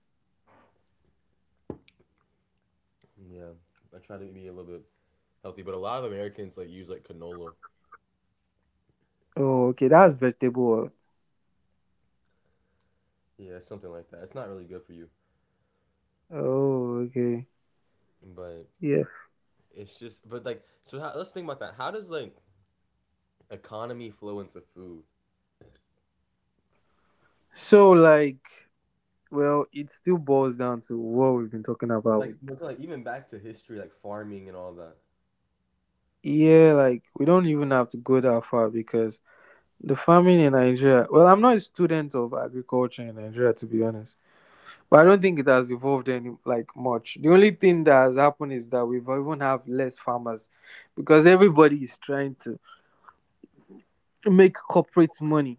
Speaker 1: Yeah, I try to be a little bit healthy, but a lot of Americans like use like canola.
Speaker 2: Oh, okay, that's vegetable oil.
Speaker 1: Yeah, something like that. It's not really good for you,
Speaker 2: Oh, okay.
Speaker 1: but
Speaker 2: Yeah.
Speaker 1: it's just but like so. How, let's think about that. How does like economy flow into food?
Speaker 2: So, like, well, it still boils down to what we've been talking about.
Speaker 1: Like
Speaker 2: With
Speaker 1: but, like even back to history, like farming and all that.
Speaker 2: yeah, like we don't even have to go that far because the farming in Nigeria. Well, I'm not a student of agriculture in Nigeria, to be honest. But I don't think it has evolved any like much. The only thing that has happened is that we've even have less farmers because everybody is trying to make corporate money.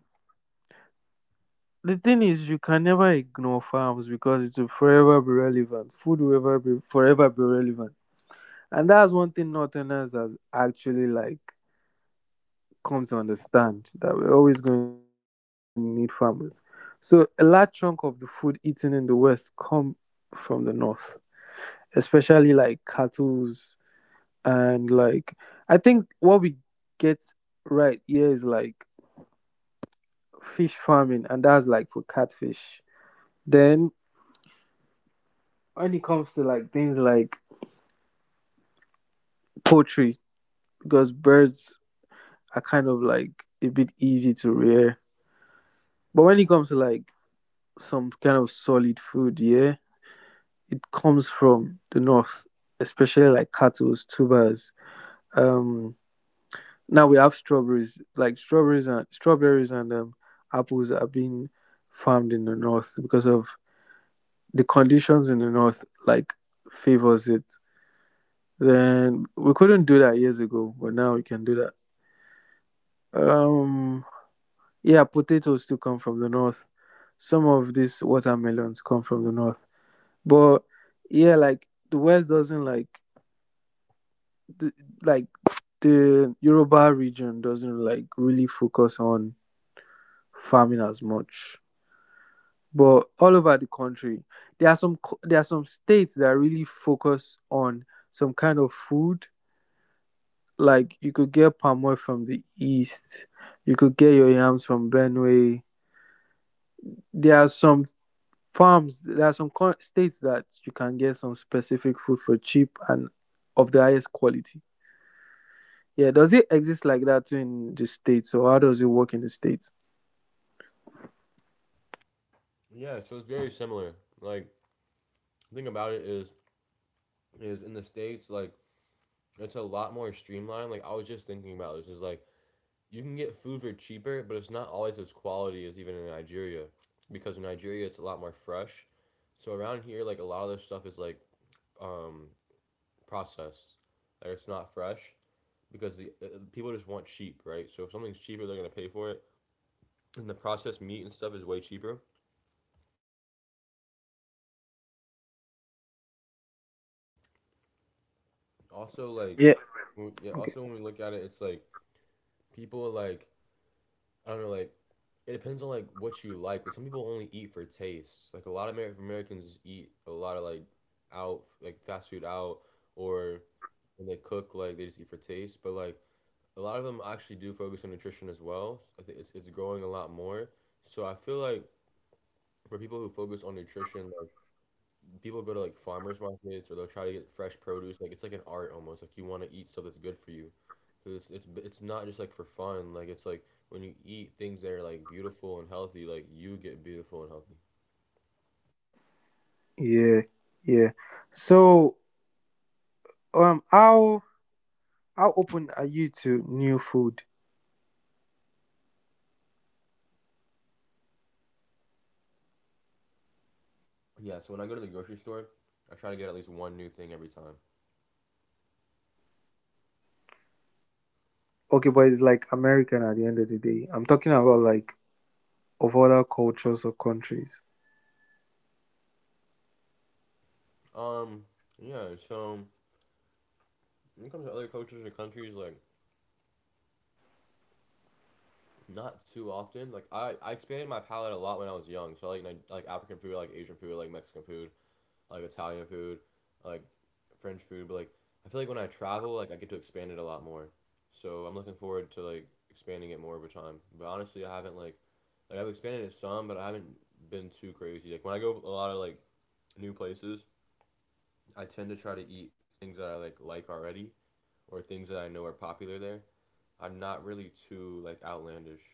Speaker 2: The thing is you can never ignore farms because it will forever be relevant. Food will ever be forever be relevant. And that's one thing Northerners has actually like come to understand that we're always going to need farmers. So a large chunk of the food eaten in the West come from the north. Especially like cattle's and like I think what we get right here is like fish farming and that's like for catfish then when it comes to like things like poultry because birds are kind of like a bit easy to rear but when it comes to like some kind of solid food yeah it comes from the north especially like cattle tubers um now we have strawberries, like strawberries and strawberries and apples are being farmed in the north because of the conditions in the north like favors it. Then we couldn't do that years ago, but now we can do that. Um, yeah, potatoes too come from the north. Some of these watermelons come from the north, but yeah, like the west doesn't the, like the Yoruba region doesn't like really focus on farming as much. But all over the country, there are there are some states that really focus on some kind of food, like you could get palm oil from the East, you could get your yams from Benue. There are some farms, there are some co- states that you can get some specific food for cheap and of the highest quality. Yeah, does it exist like that too in the States, or how does it work in the States?
Speaker 1: Yeah, so it's very similar. Like the thing about it is in the states like it's a lot more streamlined. Like I was just thinking about this is like you can get food for cheaper, but it's not always as quality as even in Nigeria, because in Nigeria it's a lot more fresh. So around here, like a lot of this stuff is like um, processed, like it's not fresh because the people just want cheap, right? So if something's cheaper, they're gonna pay for it, and the processed meat and stuff is way cheaper. Also, like,
Speaker 2: Yeah.
Speaker 1: yeah.
Speaker 2: Okay.
Speaker 1: Also, when we look at it, it's like people like I don't know, like it depends on like what you like. Like, some people only eat for taste. Like a lot of Americans eat a lot of like out like fast food out or when they cook like they just eat for taste. But like a lot of them actually do focus on nutrition as well. I think it's growing a lot more. So I feel like for people who focus on nutrition, like people go to like farmers markets or they'll try to get fresh produce. Like it's like an art almost. Like you want to eat stuff that's good for you. Cause it's not just like for fun. Like it's like when you eat things that are like beautiful and healthy, like you get beautiful and healthy.
Speaker 2: Yeah, yeah. So, um how How open are you to new food?
Speaker 1: Yeah, so when I go to the grocery store, I try to get at least one new thing every time.
Speaker 2: Okay, but it's like American at the end of the day. I'm talking about like of other cultures or countries.
Speaker 1: Um, yeah, so when it comes to other cultures or countries, like not too often. Like I expanded my palate a lot when I was young. So I like like African food, I like Asian food, I like Mexican food. Like Italian food, like French food, but like I feel like when I travel, like I get to expand it a lot more. So I'm looking forward to like expanding it more over time. But honestly, I haven't like I've expanded it some, but I haven't been too crazy. Like when I go a lot of like new places, I tend to try to eat things that I like already or things that I know are popular there. I'm not really too like outlandish.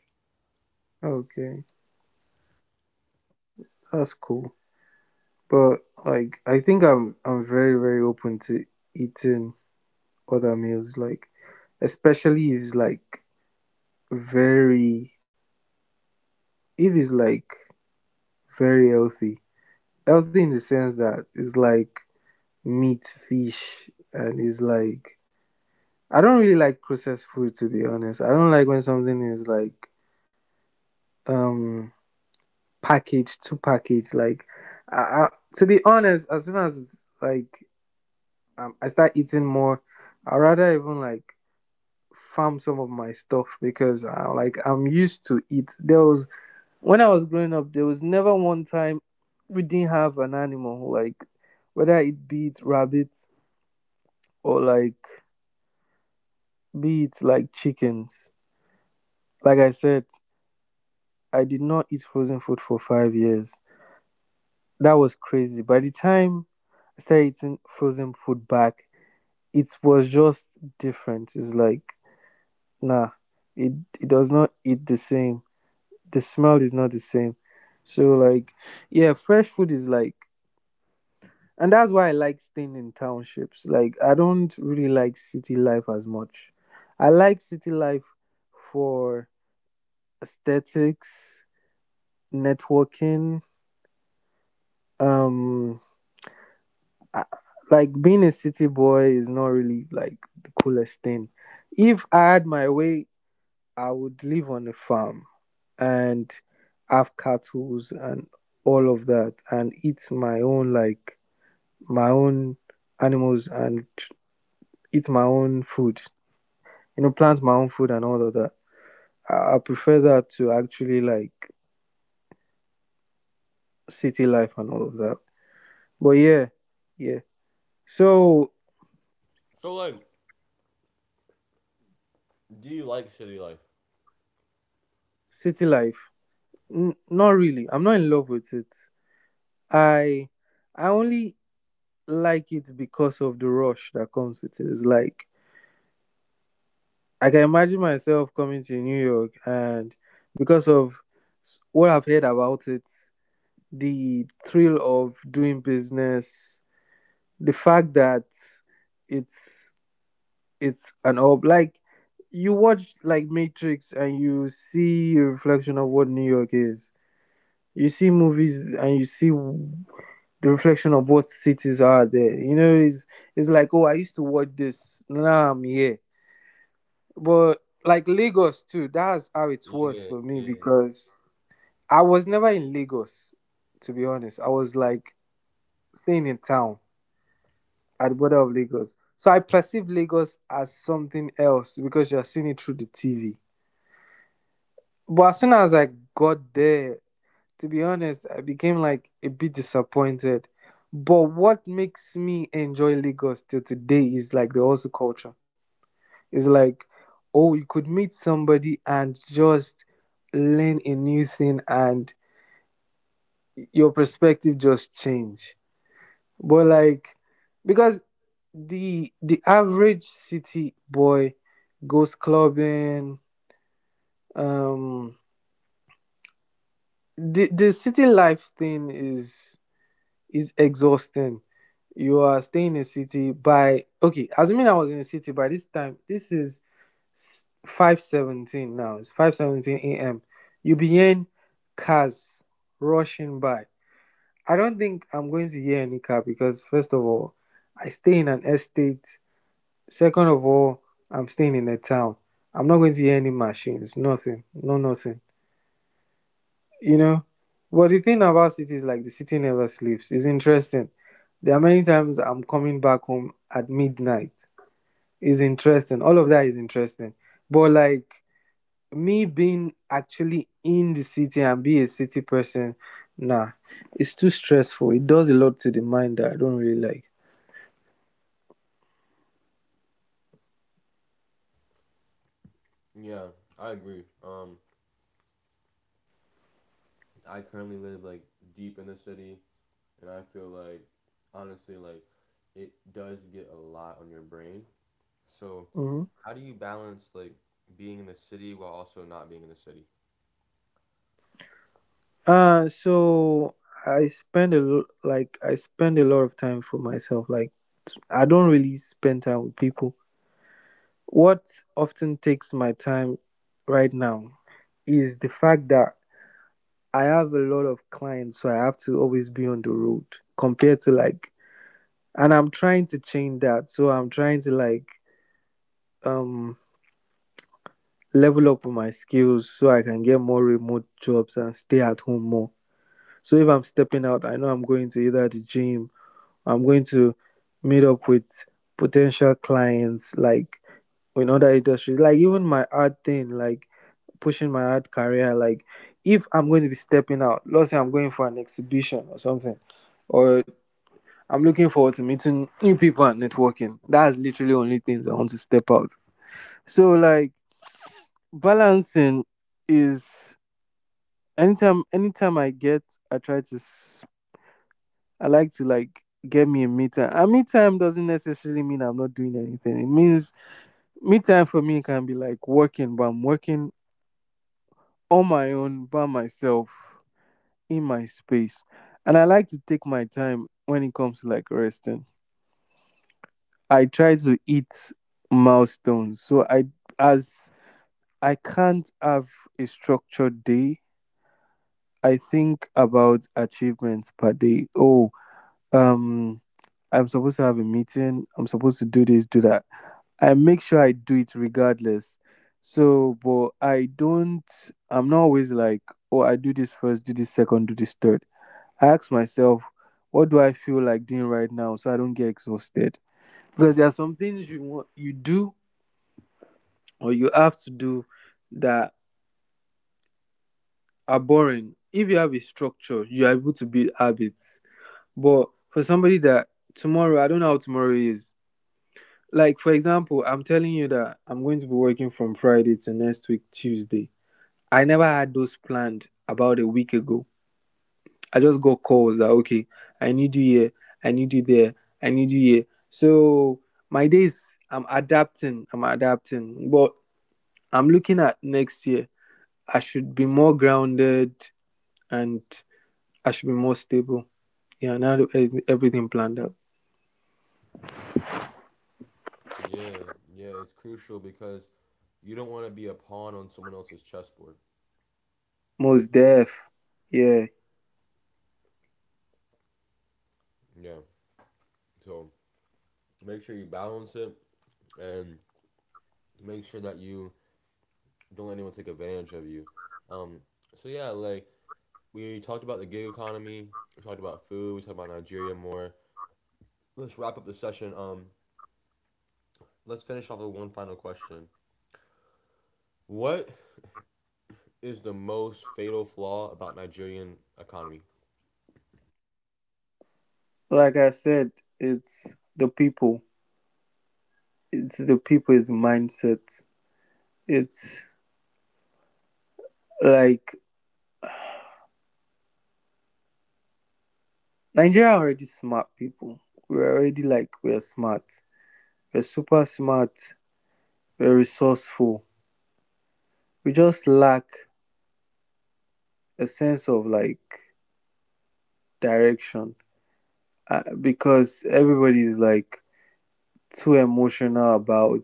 Speaker 2: Okay, that's cool. But like, I think I'm very, very open to eating other meals. Like, especially if it's like very, if it's like very healthy. Healthy in the sense that it's like meat, fish, and it's like, I don't really like processed food, to be honest. I don't like when something is like, um package to package. Like, I, I, to be honest, as soon as like, I start eating more, I rather even like farm some of my stuff, because like, I'm used to it. There was When I was growing up, there was never one time we didn't have an animal, like whether it be it rabbits, or like be it like chickens. Like I said, I did not eat frozen food for 5 years. That was crazy. By the time I started eating frozen food back, it was just different. It's like, nah, it it does not eat the same. The smell is not the same. So like, yeah, fresh food is like, and that's why I like staying in townships. Like, I don't really like city life as much. I like city life for aesthetics, networking, um I, like being a city boy is not really like the coolest thing. If I had my way, I would live on a farm and have cattle and all of that, and eat my own, like my own animals, and eat my own food. You know, plant my own food and all of that. I prefer that to actually like city life and all of that. But yeah, yeah. So
Speaker 1: So like, do you like city life?
Speaker 2: city life, not really. I'm not in love with it. I I only like it because of the rush that comes with it. It's like, I can imagine myself coming to New York, and because of what I've heard about it, the thrill of doing business, the fact that it's it's an ob like you watch like Matrix and you see a reflection of what New York is. You see movies and you see the reflection of what cities are there. You know, it's like, oh, I used to watch this. Now I'm here. But like, Lagos too, that's how it was
Speaker 1: Yeah,
Speaker 2: for me,
Speaker 1: yeah,
Speaker 2: because I was never in Lagos, to be honest. I was like staying in town at the border of Lagos. So I perceived Lagos as something else because you're seeing it through the TV. But as soon as I got there, to be honest, I became like a bit disappointed. But what makes me enjoy Lagos till today is like the hustle culture. It's like, oh, you could meet somebody and just learn a new thing and your perspective just change. But like, because the average city boy goes clubbing, um the city life thing is exhausting. You are staying in a city by, okay, assuming I was in a city by this time, this is 5:17 now. It's 5:17 AM. You begin, cars rushing by. I don't think I'm going to hear any car, because first of all, I stay in an estate. Second of all, I'm staying in a town. I'm not going to hear any machines, nothing, no nothing you know. But the thing about city is like the city never sleeps. It's interesting. There are many times I'm coming back home at midnight. It's interesting. All of that is interesting. But like, me being actually in the city and be a city person, nah, it's too stressful. It does a lot to the mind that I don't really like.
Speaker 1: yeah. I agree. I currently live like deep in the city. And I feel like honestly like it does get a lot on your brain. So
Speaker 2: Hmm.
Speaker 1: how do you balance like being in the city while also not being in the city?
Speaker 2: So I spend a like I spend a lot of time for myself. Like, I don't really spend time with people. What often takes my time right now is the fact that I have a lot of clients, so I have to always be on the road compared to, like, and I'm trying to change that. So I'm trying to, like, um level up my skills so I can get more remote jobs and stay at home more. So if I'm stepping out, I know I'm going to either the gym, I'm going to meet up with potential clients, like in other industries, like even my art thing, like pushing my art career. Like, if I'm going to be stepping out, let's say I'm going for an exhibition or something, or I'm looking forward to meeting new people and networking. That's literally only things I want to step out. So like, balancing is, anytime I get, I try to, I like to like get me a me time. A me time doesn't necessarily mean I'm not doing anything. It means me time for me can be like working, but I'm working on my own, by myself, in my space. And I like to take my time when it comes to like resting. I try to eat milestones. So I, as I can't have a structured day, I think about achievements per day. Oh, um I'm supposed to have a meeting. I'm supposed to do this, do that. I make sure I do it regardless. So, but I don't, I'm not always like, oh, I do this first, do this second, do this third. I ask myself, what do I feel like doing right now so I don't get exhausted? Because there are some things you want, you do, or you have to do, that are boring. If you have a structure, you're able to build habits. But for somebody that, tomorrow, I don't know how tomorrow is. Like for example, I'm telling you that I'm going to be working from Friday to next week Tuesday. I never had those planned about a week ago. I just got calls that, okay, I need you here, I need you there, I need you here. So my days, I'm adapting, but I'm looking at next year. I should be more grounded and I should be more stable. Yeah, now everything planned out.
Speaker 1: Yeah, yeah, it's crucial because you don't want to be a pawn on someone else's chessboard.
Speaker 2: Most deaf. Yeah,
Speaker 1: Yeah. So make sure you balance it and make sure that you don't let anyone take advantage of you. Um so yeah, like we talked about the gig economy, we talked about food, we talked about Nigeria more. Let's wrap up the session. Let's finish off with one final question. What is the most fatal flaw about Nigerian economy?
Speaker 2: like I said, it's the people. It's the people. Is the mindset. It's like, Nigeria already smart people. We're already like, we're smart, we're super smart, we're resourceful. We just lack a sense of like direction, because everybody is like too emotional about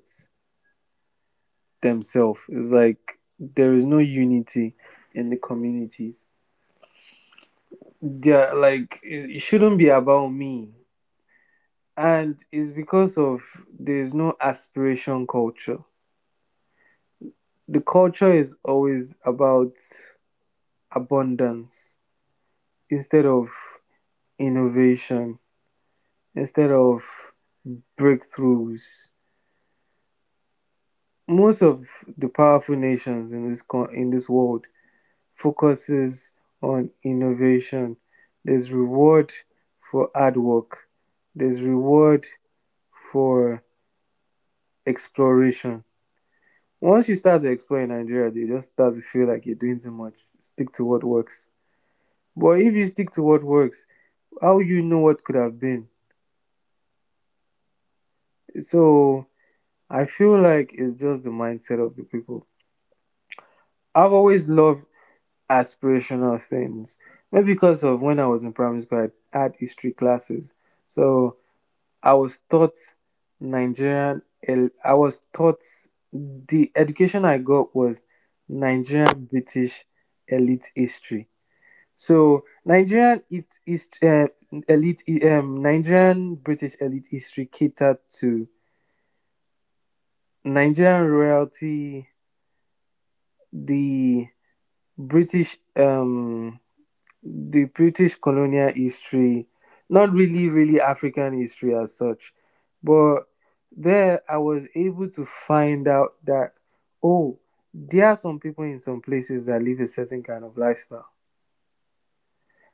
Speaker 2: themselves. It's like there is no unity in the communities. They're like, it shouldn't be about me, and it's because of, there's no aspiration culture. The culture is always about abundance instead of innovation instead of breakthroughs. Most of the powerful nations in in this world focuses on innovation. There's reward for hard work. There's reward for exploration. Once you start to explore in Nigeria, you just start to feel like you're doing too much. Stick to what works. But if you stick to what works, how will you know what could have been? So I feel like it's just the mindset of the people. I've always loved aspirational things. Maybe because of when I was in primary school, I had history classes. So I was taught Nigerian, I was taught, the education I got was Nigerian British elite history. So Nigerian it is, elite Nigerian British elite history catered to Nigerian royalty, the British, the British colonial history, not really, really African history as such, but there I was able to find out that, oh, there are some people in some places that live a certain kind of lifestyle.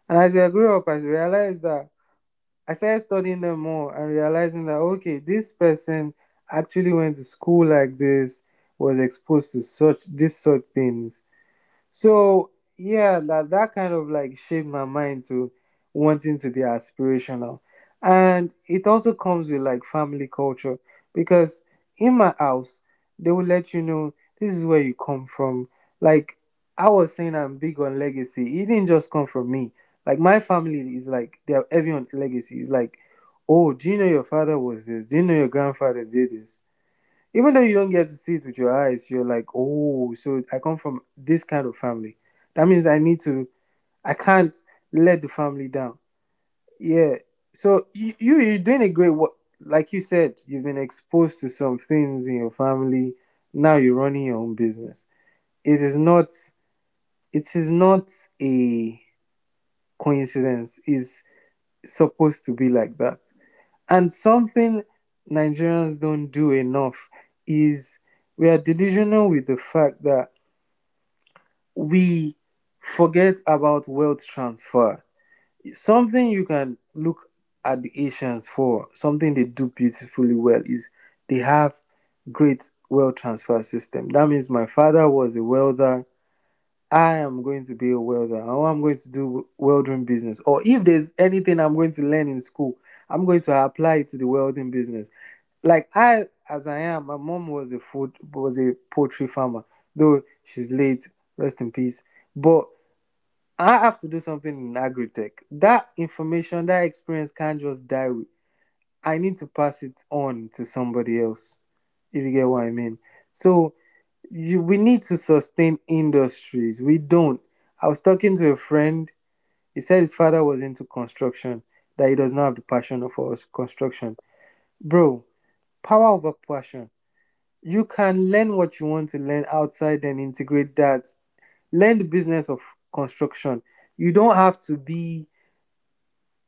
Speaker 2: And as I grew up, I realized that, I started studying them more and realizing that, okay, this person actually went to school like this, was exposed to such, these sort of things. So yeah, that kind of like shaped my mind to wanting to be aspirational. And it also comes with like family culture, because in my house they will let you know this is where you come from. Like, I was saying I'm big on legacy. It didn't just come from me. Like, my family is like, they are heavy on legacy. It's like, oh, do you know your father was this? Do you know your grandfather did this? Even though you don't get to see it with your eyes, you're like, oh, so I come from this kind of family. That means I need to, I can't let the family down. Yeah. So you, you're doing a great work. Like you said, you've been exposed to some things in your family. Now you're running your own business. It is not. It is not a coincidence. It's supposed to be like that. And something Nigerians don't do enough is, we are delusional with the fact that we forget about wealth transfer. Something you can look at the Asians for, something they do beautifully well, is they have great wealth transfer system. That means my father was a welder, I am going to be a welder. Or I'm going to do welding business. Or if there's anything I'm going to learn in school, I'm going to apply it to the welding business. Like I, as I am, my mom was a poultry farmer. Though she's late, rest in peace. But I have to do something in agri tech. That information, that experience can't just die with. I need to pass it on to somebody else. If you get what I mean. So we need to sustain industries. We don't. I was talking to a friend. He said his father was into construction, that he does not have the passion for construction. Bro, power over passion. You can learn what you want to learn outside and integrate that. Learn the business of construction. You don't have to be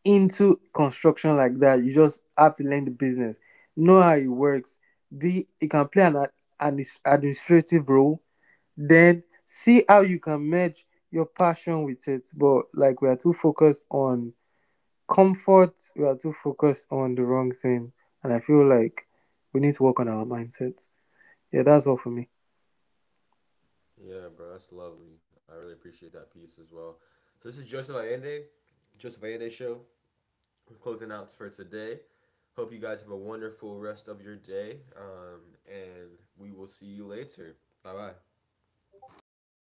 Speaker 2: into construction like that. You just have to learn the business, know how it works. Be You can play an administrative role, then see how you can merge your passion with it. But like, we are too focused on comfort, we are too focused on the wrong thing. And I feel like we need to work on our mindset. Yeah, that's all for me.
Speaker 1: Yeah, bro, that's lovely. I really appreciate that piece as well. So this is Joseph Allende, Joseph Allende show. We're closing out for today. Hope you guys have a wonderful rest of your day, and we will see you later. Bye bye.